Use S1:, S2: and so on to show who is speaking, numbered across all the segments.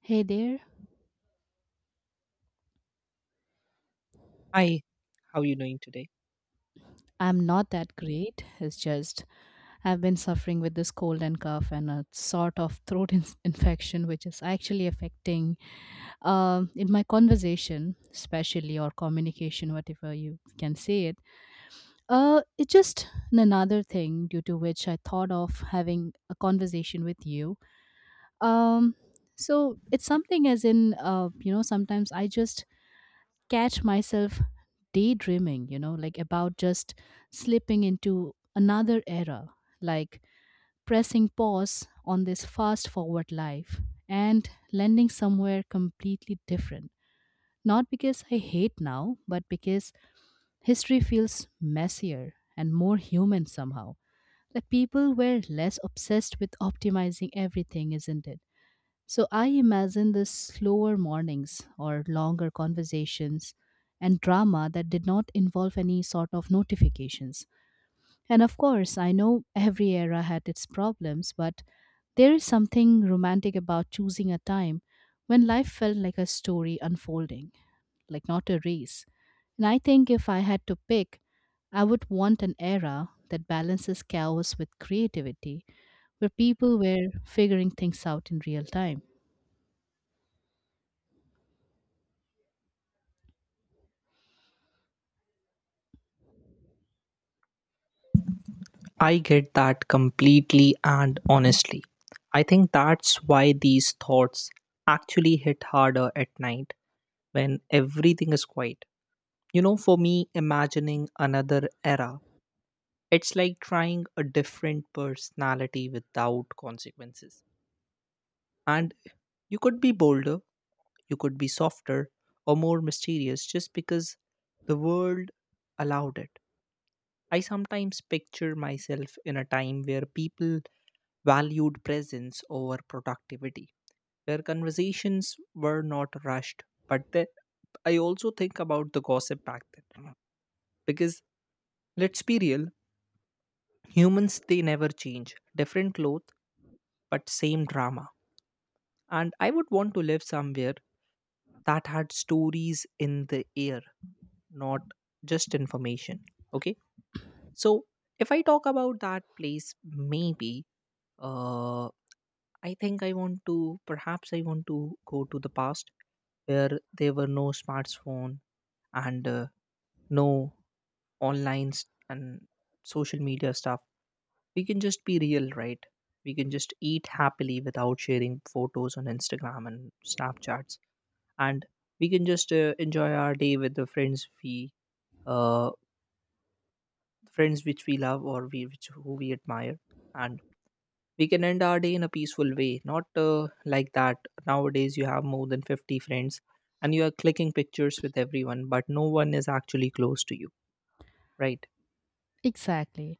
S1: Hey there,
S2: Hi, how are you doing today?
S1: I'm not that great. It's just I've been suffering with this cold and cough and a sort of infection, which is actually affecting in my conversation, especially or communication, whatever you can say it. It's just another thing due to which I thought of having a conversation with you. Um, so it's something as in you know sometimes I just catch myself daydreaming, you know, like about just slipping into another era, like pressing pause on this fast forward life and landing somewhere completely different. Not because I hate now, but because history feels messier and more human somehow. Like people were less obsessed with optimizing everything, isn't it? So I imagine the slower mornings or longer conversations and drama that did not involve any sort of notifications. And of course, I know every era had its problems, but there is something romantic about choosing a time when life felt like a story unfolding, like not a race. And I think if I had to pick, I would want an era that balances chaos with creativity, where people were figuring things out in real time.
S2: I get that completely and honestly. I think that's why these thoughts actually hit harder at night when everything is quiet. You know, for me, imagining another era, it's like trying a different personality without consequences. And you could be bolder, you could be softer, or more mysterious just because the world allowed it. I sometimes picture myself in a time where people valued presence over productivity, where conversations were not rushed. But then I also think about the gossip back then. Because let's be real, humans they never change. Different clothes, but same drama. And I would want to live somewhere that had stories in the air, not just information. Okay. So if I talk about that place, maybe Uh, I think I want to, perhaps I want to go to the past where there were no smartphone and no online s- and social media stuff. We can just be real, right? We can just eat happily without sharing photos on Instagram and Snapchats, and we can just enjoy our day with the friends we, uh, friends which we love or we which who we admire, and we can end our day in a peaceful way not like that nowadays you have more than 50 friends and you are clicking pictures with everyone but no one is actually close to you, right?
S1: Exactly.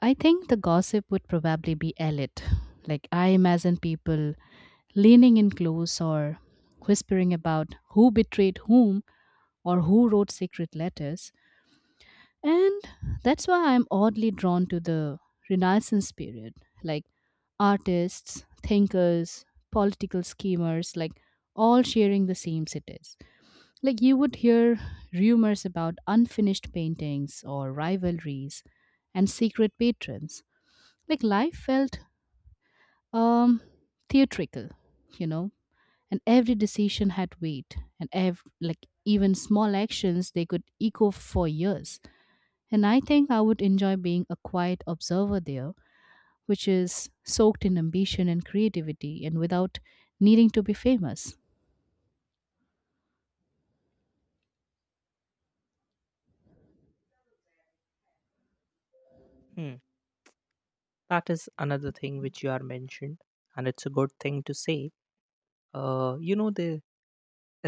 S1: I think the gossip would probably be elite. Like, I imagine people leaning in close or whispering about who betrayed whom or who wrote secret letters. And that's why I'm oddly drawn to the Renaissance period. Like, artists, thinkers, political schemers, like, all sharing the same cities. Like, you would hear rumors about unfinished paintings or rivalries and secret patrons like life felt um theatrical, you know. And every decision had weight and like even small actions, they could echo for years. And I think I would enjoy being a quiet observer there, which is soaked in ambition and creativity and without needing to be famous.
S2: Hmm. That is another thing which you are mentioned and it's a good thing to say. You know the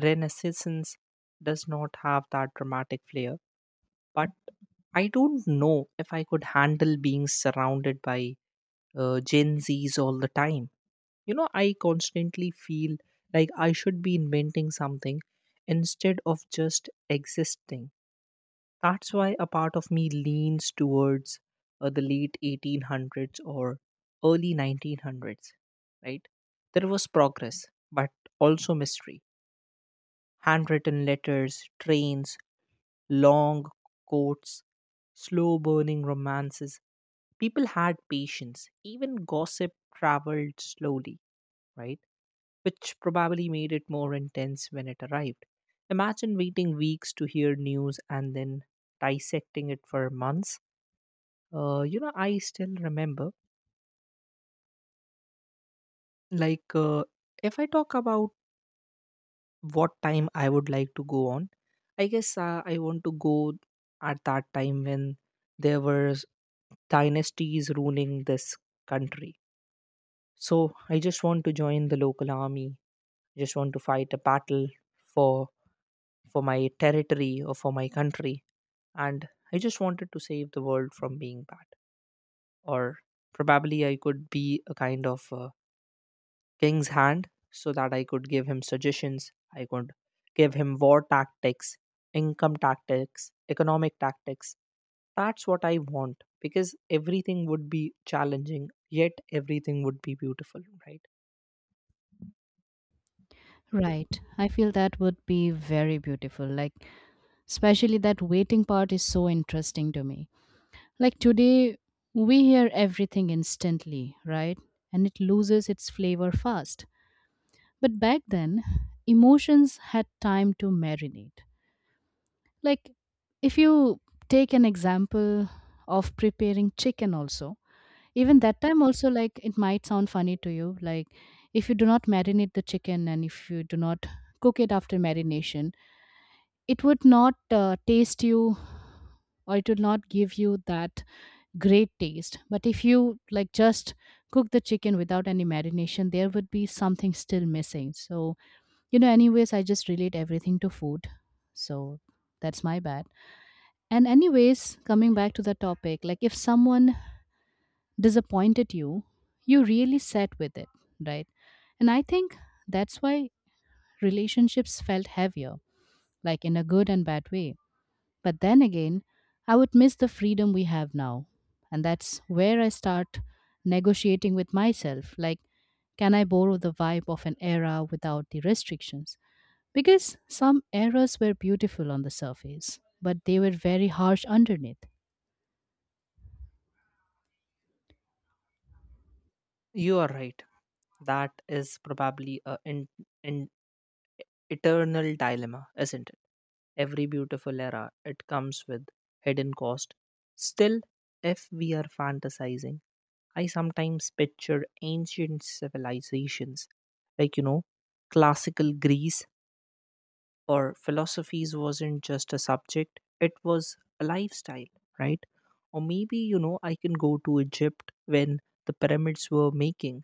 S2: renaissance does not have that dramatic flair, but I don't know if I could handle being surrounded by Gen Zs all the time. You know, I constantly feel like I should be inventing something instead of just existing. That's why a part of me leans towards the late 1800s or early 1900s, right? There was progress, but also mystery. Handwritten letters, trains, long coats, slow burning romances. People had patience. Even gossip traveled slowly, right? Which probably made it more intense when it arrived. Imagine waiting weeks to hear news and then dissecting it for months. You know, I still remember, like, if I talk about what time I would like to go on, I guess I want to go at that time when there were dynasties ruling this country. So I just want to join the local army. I just want to fight a battle for for my territory or for my country. And I just wanted to save the world from being bad. Or probably I could be a kind of king's hand so that I could give him suggestions, I could give him war tactics, income tactics, economic tactics. That's what I want because everything would be challenging, yet everything would be beautiful, right?
S1: Right, I feel that would be very beautiful, like especially that waiting part is so interesting to me. Like today, we hear everything instantly, right? And it loses its flavor fast. But back then, emotions had time to marinate. Like, if you take an example of preparing chicken, also, even that time, also, like, it might sound funny to you. Like, if you do not marinate the chicken and if you do not cook it after marination, it would not taste you or it would not give you that great taste. But if you like just cook the chicken without any marination, there would be something still missing. So, you know, anyways, I just relate everything to food. So that's my bad. And, anyways, coming back to the topic, like if someone disappointed you, you really sat with it, right? And I think that's why relationships felt heavier, like in a good and bad way, but then again, I would miss the freedom we have now. And that's where I start negotiating with myself like, can I borrow the vibe of an era without the restrictions? Because some eras were beautiful on the surface, but they were very harsh underneath.
S2: You are right. That is probably a in eternal dilemma, isn't it? Every beautiful era, it comes with hidden cost. Still, if we are fantasizing, I sometimes picture ancient civilizations, like, you know, classical Greece, or philosophies wasn't just a subject, it was a lifestyle, right? Or maybe, you know, I can go to Egypt when the pyramids were making,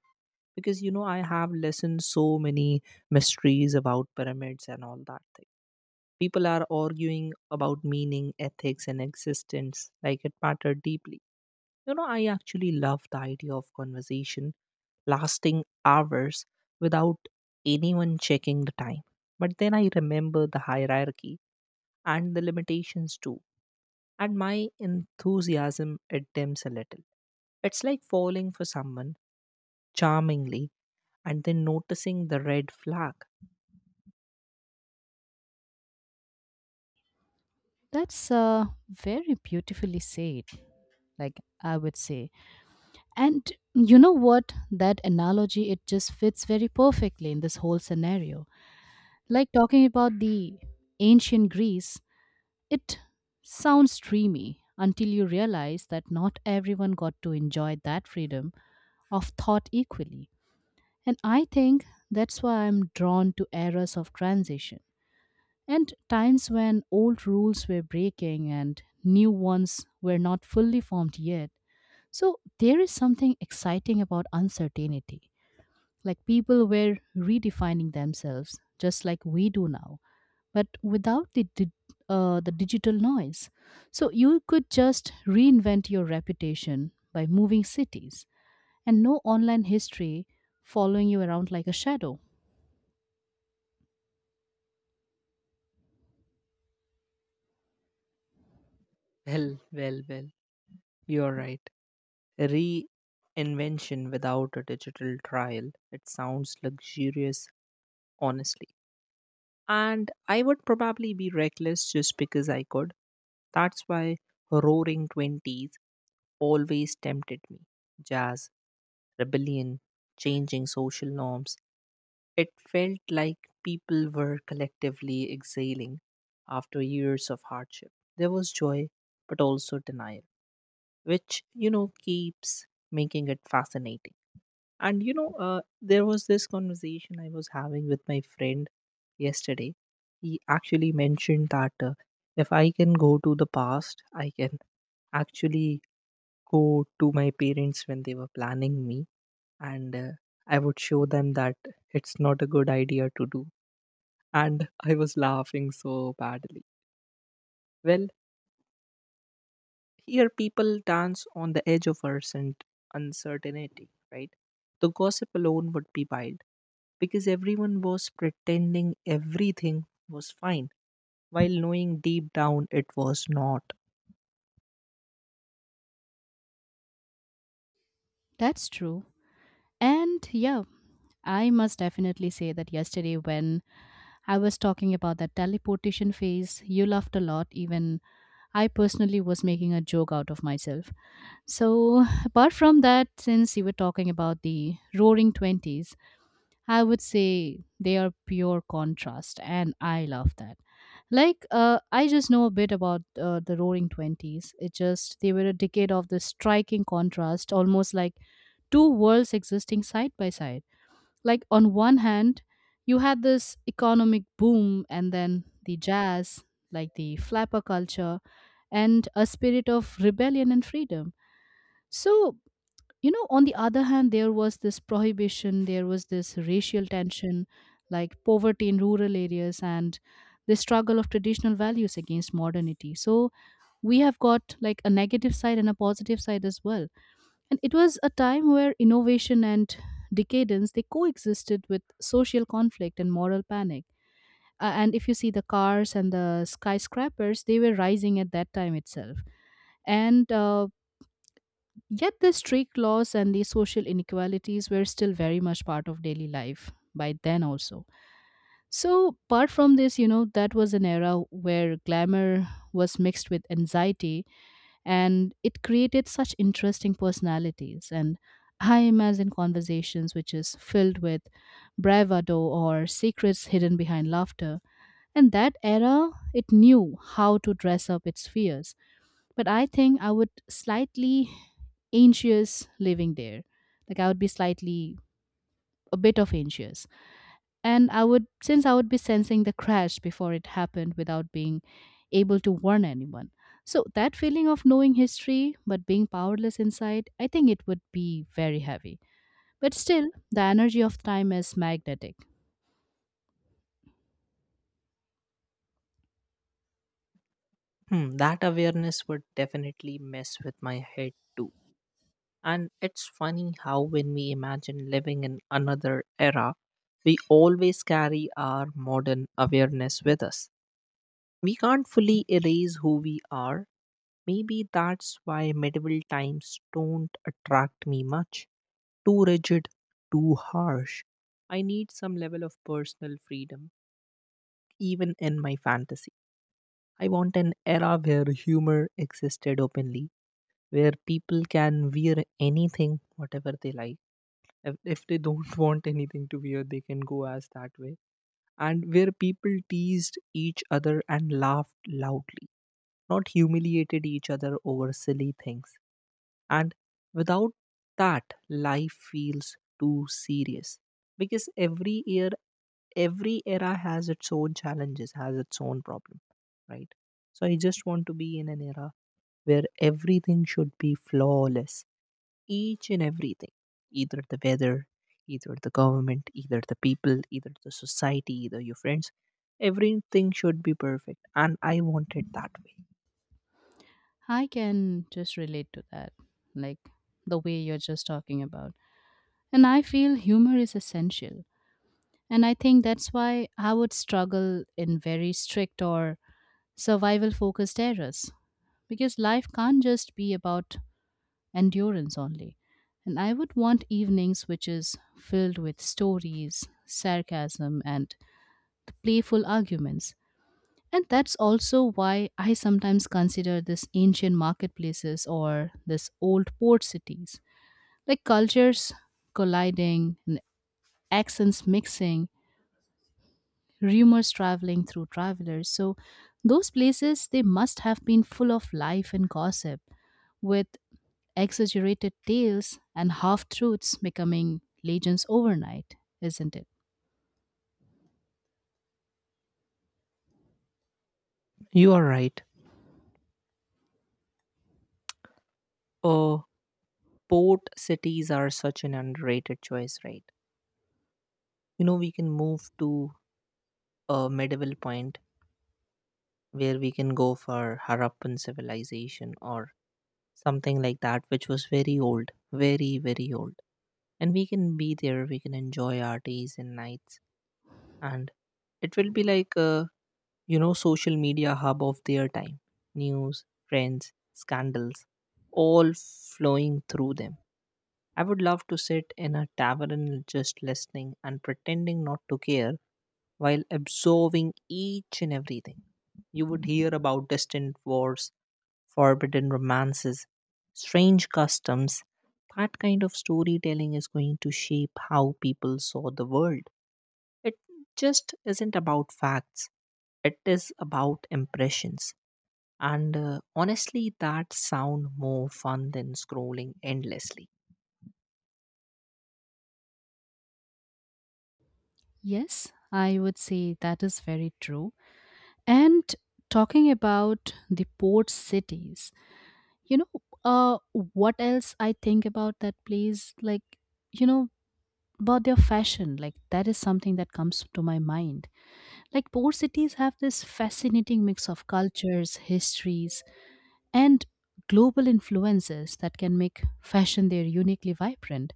S2: because you know I have listened so many mysteries about pyramids and all that thing. People are arguing about meaning, ethics, and existence like it mattered deeply. You know, I actually love the idea of conversation lasting hours without anyone checking the time. But then I remember the hierarchy and the limitations too, and my enthusiasm it dims a little. It's like falling for someone charmingly and then noticing the red flag.
S1: That's very beautifully said, like I would say. And you know what? That analogy, it just fits very perfectly in this whole scenario. Like talking about the ancient Greece, it sounds dreamy until you realize that not everyone got to enjoy that freedom of thought equally. And I think that's why I'm drawn to eras of transition and times when old rules were breaking and new ones were not fully formed yet. So there is something exciting about uncertainty. Like people were redefining themselves just like we do now but without the digital noise. So you could just reinvent your reputation by moving cities and no online history following you around like a shadow.
S2: Well, well, well, you're right. Reinvention without a digital trial. It sounds luxurious, honestly. And I would probably be reckless just because I could. That's why roaring 20s always tempted me. Jazz, rebellion, changing social norms. It felt like people were collectively exhaling after years of hardship. There was joy, but also denial, which, you know, keeps making it fascinating. And you know, there was this conversation I was having with my friend yesterday. He actually mentioned that if I can go to the past, I can actually go to my parents when they were planning me, and I would show them that it's not a good idea to do. And I was laughing so badly. Well, here people dance on the edge of uncertainty, right? The gossip alone would be wild because everyone was pretending everything was fine while knowing deep down it was not.
S1: That's true. And yeah, I must definitely say that yesterday when I was talking about that teleportation phase, you laughed a lot. Even I personally was making a joke out of myself. So, apart from that, since you were talking about the roaring 20s, I would say they are pure contrast, and I love that. I just know a bit about the Roaring Twenties. It just they were a decade of the striking contrast, almost like two worlds existing side by side. Like on one hand, you had this economic boom, and then the jazz, like the flapper culture, and a spirit of rebellion and freedom. So you know on the other hand there was this prohibition, there was this racial tension, like poverty in rural areas and the struggle of traditional values against modernity. So we have got like a negative side and a positive side as well, and it was a time where innovation and decadence they coexisted with social conflict and moral panic. And if you see the cars and the skyscrapers they were rising at that time itself, and yet the strict laws and the social inequalities were still very much part of daily life by then also. So apart from this, you know, that was an era where glamour was mixed with anxiety and it created such interesting personalities. And I imagine conversations which is filled with bravado or secrets hidden behind laughter. And that era, it knew how to dress up its fears, but I think I would slightly anxious living there. Like I would be slightly a bit of anxious. And I would since I would be sensing the crash before it happened without being able to warn anyone. So that feeling of knowing history but being powerless inside, I think it would be very heavy. But still, the energy of time is magnetic.
S2: Hmm, that awareness would definitely mess with my head too. And it's funny how when we imagine living in another era, we always carry our modern awareness with us. We can't fully erase who we are. Maybe that's why medieval times don't attract me much. Too rigid, too harsh. I need some level of personal freedom, even in my fantasy. I want an era where humor existed openly, where people can wear anything, whatever they like. If they don't want anything to wear, they can go as that way. And where people teased each other and laughed loudly, not humiliated each other over silly things. And without that, life feels too serious, because every year, every era has its own challenges, has its own problem, right? So I just want to be in an era where everything should be flawless, each and everything, either the weather, either the government, either the people, either the society, either your friends. Everything should be perfect, and I want it that way.
S1: I can just relate to that. Like the way you're just talking about. And I feel humor is essential. And I think that's why I would struggle in very strict or survival focused eras because life can't just be about endurance only. And I would want evenings which is filled with stories, sarcasm, and playful arguments. And that's also why I sometimes consider this ancient marketplaces or this old port cities, like cultures colliding and accents mixing, rumors traveling through travelers. So those places they must have been full of life and gossip with exaggerated tales and half truths becoming legends overnight, isn't it?
S2: You are right. Uh, Port cities are such an underrated choice, right? You know, we can move to a medieval point where we can go for Harappan civilization or something like that, which was very old, very, very old. And we can be there, we can enjoy our days and nights. And it will be like a, you know, social media hub of their time. News, trends, scandals, all flowing through them. I would love to sit in a tavern just listening and pretending not to care while absorbing each and everything. You would hear about distant wars, forbidden romances, strange customs. That kind of storytelling is going to shape how people saw the world. It just isn't about facts, it is about impressions. And honestly, that sound more fun than scrolling endlessly.
S1: Yes, I would say that is very true. And talking about the port cities, you know, uh, what else I think about that place? Like, you know, about their fashion, like that is something that comes to my mind. Like poor cities have this fascinating mix of cultures, histories, and global influences that can make fashion there uniquely vibrant.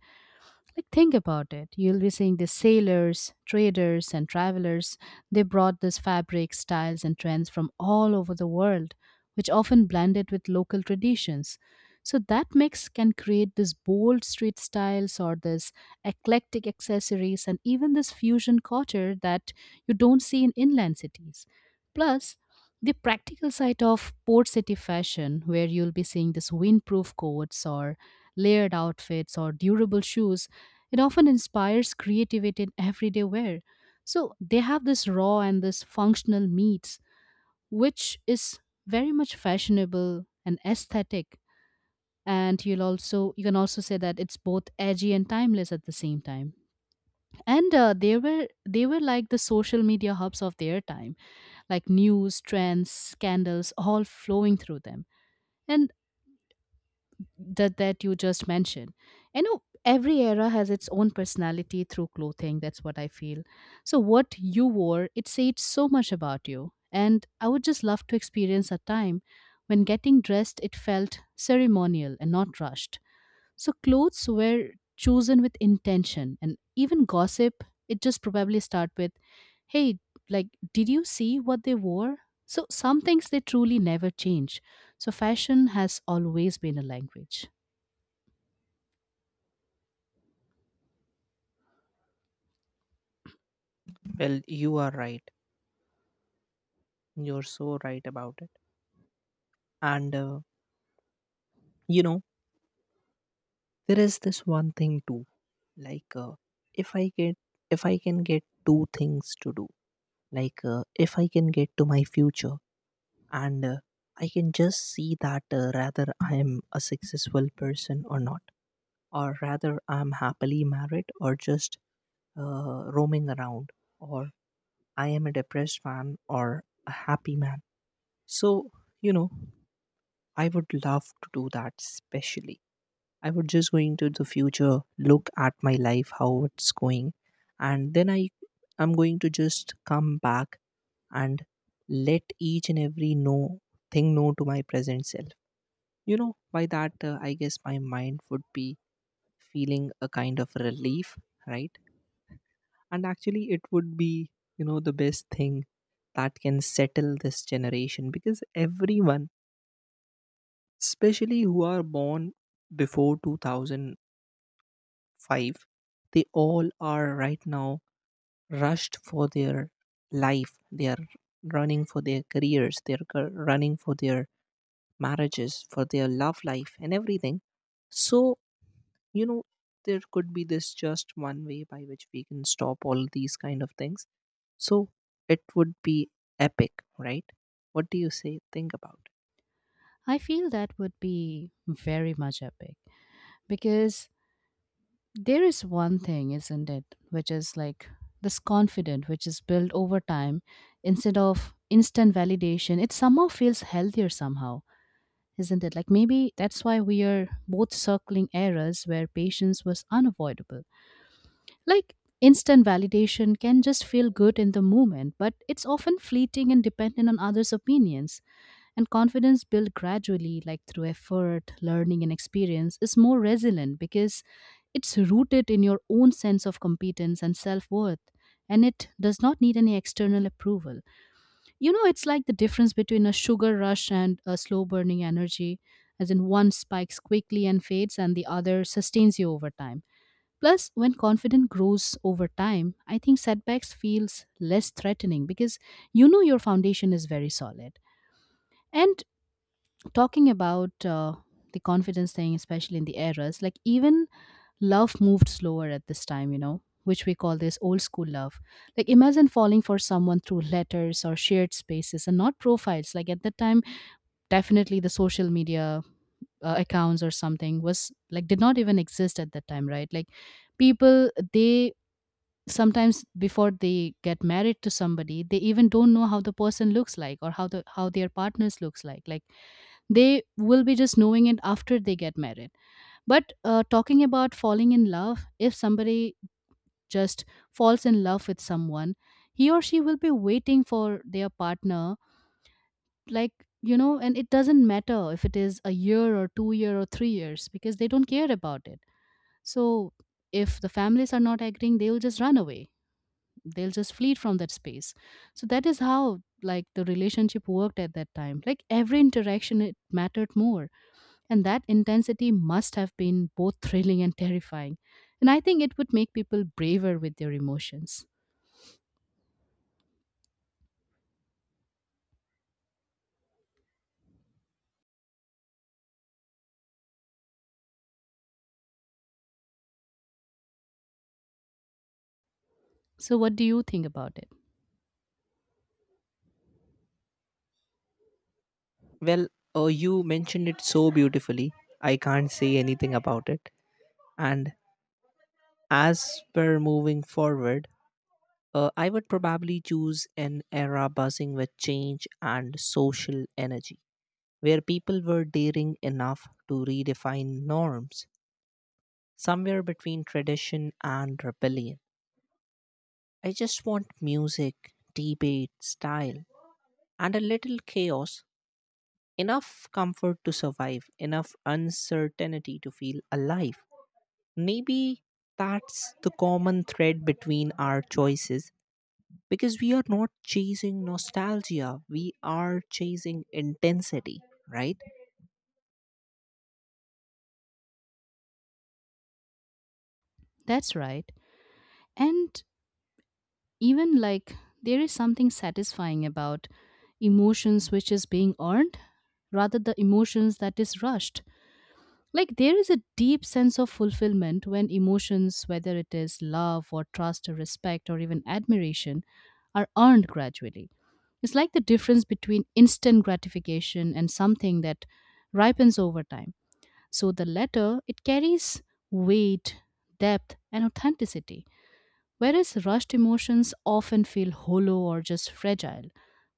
S1: Like, think about it. You'll be seeing the sailors, traders, and travelers. They brought these fabrics, styles, and trends from all over the world, which often blended with local traditions. So, that mix can create these bold street styles or this eclectic accessories and even this fusion culture that you don't see in inland cities. Plus, the practical side of port city fashion, where you'll be seeing this windproof coats or layered outfits or durable shoes, it often inspires creativity in everyday wear. So they have this raw and this functional meats, which is very much fashionable and aesthetic. And you'll also you can also say that it's both edgy and timeless at the same time. And they were like the social media hubs of their time, like news, trends, scandals, all flowing through them. And that you just mentioned, you know, every era has its own personality through clothing, that's what I feel. So what you wore, it said so much about you, and I would just love to experience a time when getting dressed it felt ceremonial and not rushed. So clothes were chosen with intention and even gossip it just probably start with hey, like did you see what they wore. So some things they truly never change. So fashion has always been a language.
S2: Well, you are right. You're so right about it. And you know, there is this one thing too. Like, if I get, if I can get two things to do, like if I can get to my future, and I can just see that rather I am a successful person or not, or rather I'm happily married or just roaming around, or I am a depressed man or a happy man. So you know, I would love to do that, especially I would just going to the future, look at my life, how it's going, and then I'm going to just come back and let each and every no thing know to my present self. You know, by that I guess my mind would be feeling a kind of relief, right? And actually, it would be, you know, the best thing that can settle this generation, because everyone, especially who are born before 2000 five, they all are right now rushed for their life, they are running for their careers, they are running for their marriages, for their love life, and everything. So you know, there could be this just one way by which we can stop all these kind of things. So it would be epic, right? What do you say? Think about it.
S1: I feel that would be very much epic because there is one thing, isn't it, which is like this confidence which is built over time instead of instant validation. It somehow feels healthier, somehow, isn't it? Like maybe that's why we are both circling eras where patience was unavoidable. Like instant validation can just feel good in the moment, but it's often fleeting and dependent on others' opinions. And confidence built gradually, like through effort, learning, and experience, is more resilient because it's rooted in your own sense of competence and self worth. And it does not need any external approval. You know, it's like the difference between a sugar rush and a slow burning energy, as in one spikes quickly and fades, and the other sustains you over time. Plus, when confidence grows over time, I think setbacks feels less threatening because you know your foundation is very solid. And talking about the confidence thing, especially in the eras, like even love moved slower at this time, which we call this old school love. Like imagine falling for someone through letters or shared spaces and not profiles. Like at that time, definitely the social media accounts or something was like did not even exist at that time, right? Like people, they sometimes, before they get married to somebody, they even don't know how the person looks like or how their partners looks like they will be just knowing it after they get married. But talking about falling in love, if somebody just falls in love with someone, he or she will be waiting for their partner, like and it doesn't matter if it is a year or 2 year or 3 years because they don't care about it. So if the families are not agreeing, they will just run away, they'll just flee from that space. So that is how, like, the relationship worked at that time. Like every interaction, it mattered more. And that intensity must have been both thrilling and terrifying. And I think it would make people braver with their emotions. So what do you think about it?
S2: Well, you mentioned it so beautifully, I can't say anything about it. And as we're moving forward, I would probably choose an era buzzing with change and social energy, where people were daring enough to redefine norms, somewhere between tradition and rebellion. I just want music, debate, style, and a little chaos, enough comfort to survive, enough uncertainty to feel alive. Maybe that's the common thread between our choices, because we are not chasing nostalgia, we are chasing intensity, right?
S1: That's right. And even, like, there is something satisfying about emotions which is being earned rather the emotions that is rushed. Like there is a deep sense of fulfillment when emotions, whether it is love or trust or respect or even admiration, are earned gradually. It's like the difference between instant gratification and something that ripens over time. So the latter, it carries weight, depth and authenticity. Whereas rushed emotions often feel hollow or just fragile,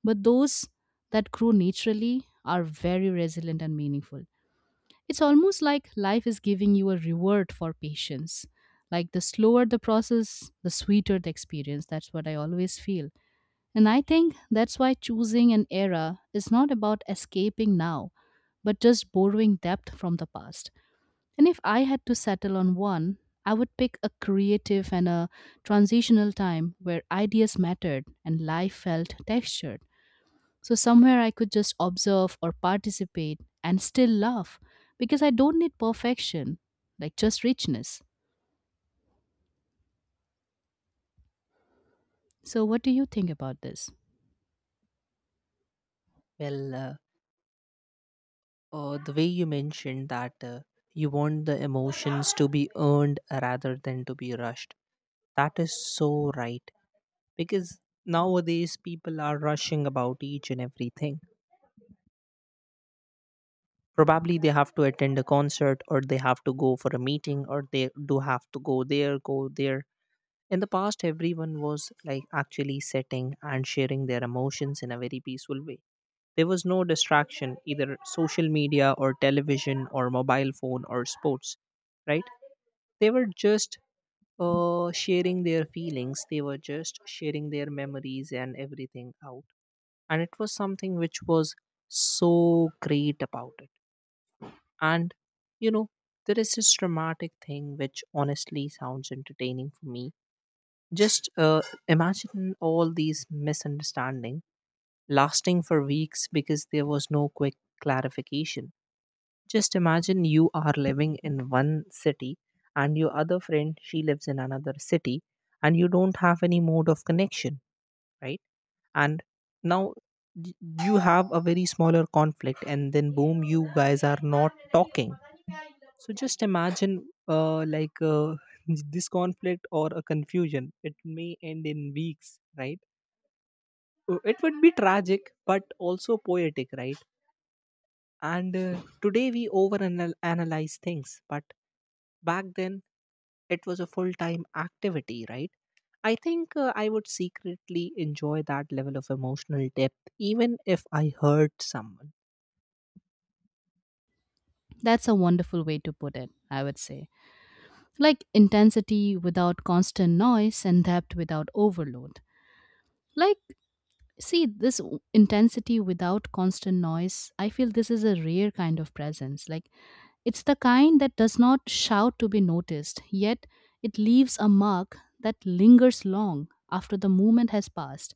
S1: but those that grow naturally are very resilient and meaningful. It's almost like life is giving you a reward for patience. Like the slower the process, the sweeter the experience. That's what I always feel. And I think that's why choosing an era is not about escaping now, but just borrowing depth from the past. And if I had to settle on one, I would pick a creative and a transitional time where ideas mattered and life felt textured. So, somewhere I could just observe or participate and still laugh because I don't need perfection, like just richness. So, what do you think about this?
S2: Well, the way you mentioned that you want the emotions to be earned rather than to be rushed, that is so right. Because nowadays people are rushing about each and everything, probably they have to attend a concert or they have to go for a meeting or they do have to go there. In the past, everyone was like actually sitting and sharing their emotions in a very peaceful way. There was no distraction, either social media or television or mobile phone or sports, right? They were just sharing their feelings, they were just sharing their memories and everything out. And it was something which was so great about it. And you know, there is this dramatic thing which honestly sounds entertaining for me. Just imagine all these misunderstanding lasting for weeks because there was no quick clarification. Just imagine you are living in one city and your other friend she lives in another city and you don't have any mode of connection, right? And now y- you have a very smaller conflict and then boom, you guys are not talking. So just imagine like this conflict or a confusion it may end in weeks, right? It would be tragic but also poetic, right? And today we over analyze things, but back then it was a full time activity, right? I think I would secretly enjoy that level of emotional depth even if I hurt someone.
S1: That's a wonderful way to put it, I would say. Like intensity without constant noise and depth without overload. Like see, this intensity without constant noise, I feel this is a rare kind of presence. Like, it's the kind that does not shout to be noticed, yet it leaves a mark that lingers long after the moment has passed.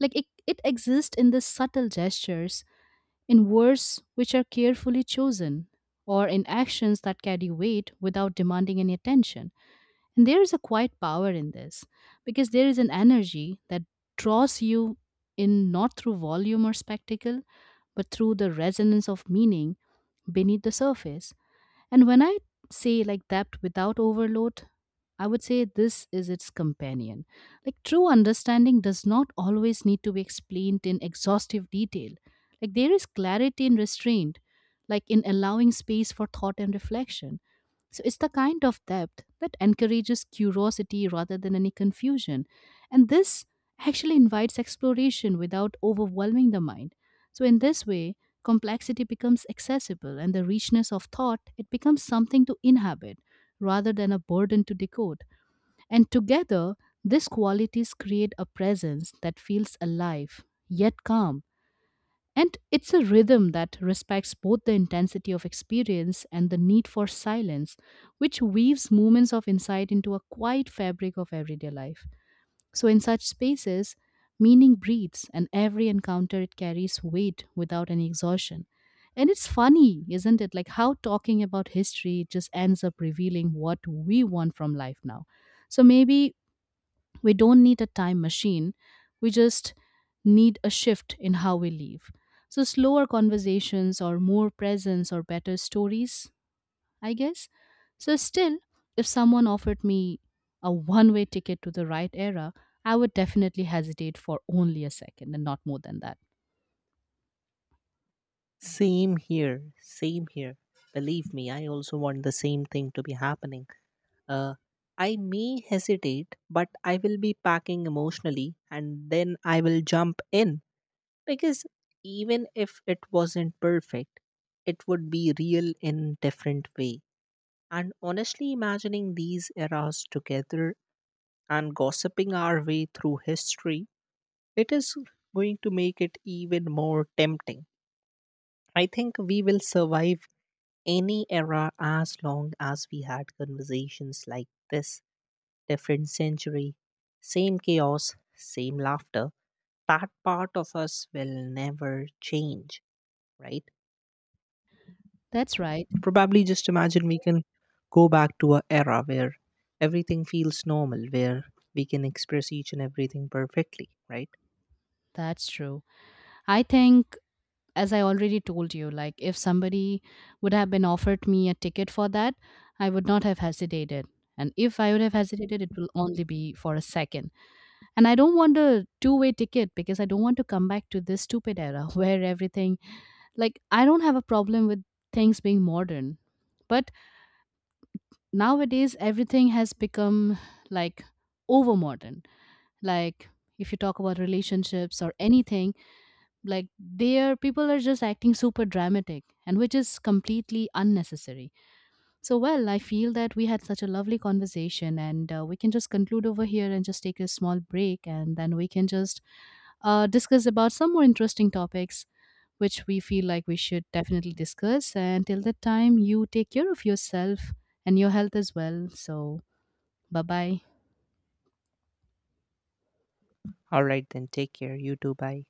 S1: Like, it exists in the subtle gestures, in words which are carefully chosen, or in actions that carry weight without demanding any attention. And there is a quiet power in this because there is an energy that draws you in not through volume or spectacle, but through the resonance of meaning beneath the surface. And when I say, like, depth without overload, I would say this is its companion. Like true understanding does not always need to be explained in exhaustive detail. Like there is clarity in restraint, like in allowing space for thought and reflection. So it's the kind of depth that encourages curiosity rather than any confusion. And this actually invites exploration without overwhelming the mind. So in this way, complexity becomes accessible and the richness of thought, it becomes something to inhabit rather than a burden to decode. And together, these qualities create a presence that feels alive yet calm. And it's a rhythm that respects both the intensity of experience and the need for silence, which weaves moments of insight into a quiet fabric of everyday life. So, in such spaces, meaning breathes, and every encounter, it carries weight without any exhaustion. And it's funny, isn't it? Like how talking about history just ends up revealing what we want from life now. So, maybe we don't need a time machine, we just need a shift in how we live. So, slower conversations, or more presence, or better stories, I guess. So, still, if someone offered me a one way ticket to the right era, I would definitely hesitate for only a second and not more than that.
S2: Same here. Same here. Believe me, I also want the same thing to be happening. uh I may hesitate but I will be packing emotionally and then I will jump in. Because even if it wasn't perfect, it would be real in different way. And honestly, imagining these eras together and gossiping our way through history, it is going to make it even more tempting. I think we will survive any era as long as we had conversations like this. Different century, same chaos, same laughter. That part of us will never change, right?
S1: That's right.
S2: Probably just imagine we can go back to a era where everything feels normal, where we can express each and everything perfectly, right?
S1: That's true. I think, as I already told you, like if somebody would have been offered me a ticket for that, I would not have hesitated. And if I would have hesitated, it will only be for a second. And I don't want a two-way ticket because I don't want to come back to this stupid era where everything. Like, I don't have a problem with things being modern, but nowadays everything has become like over modern. Like, if you talk about relationships or anything, like, they are people are just acting super dramatic, and which is completely unnecessary. So, well, I feel that we had such a lovely conversation, and we can just conclude over here and just take a small break, and then we can just discuss about some more interesting topics which we feel like we should definitely discuss. And till that time, you take care of yourself and your health as well. So, bye bye.
S2: All right, then take care. You too. Bye.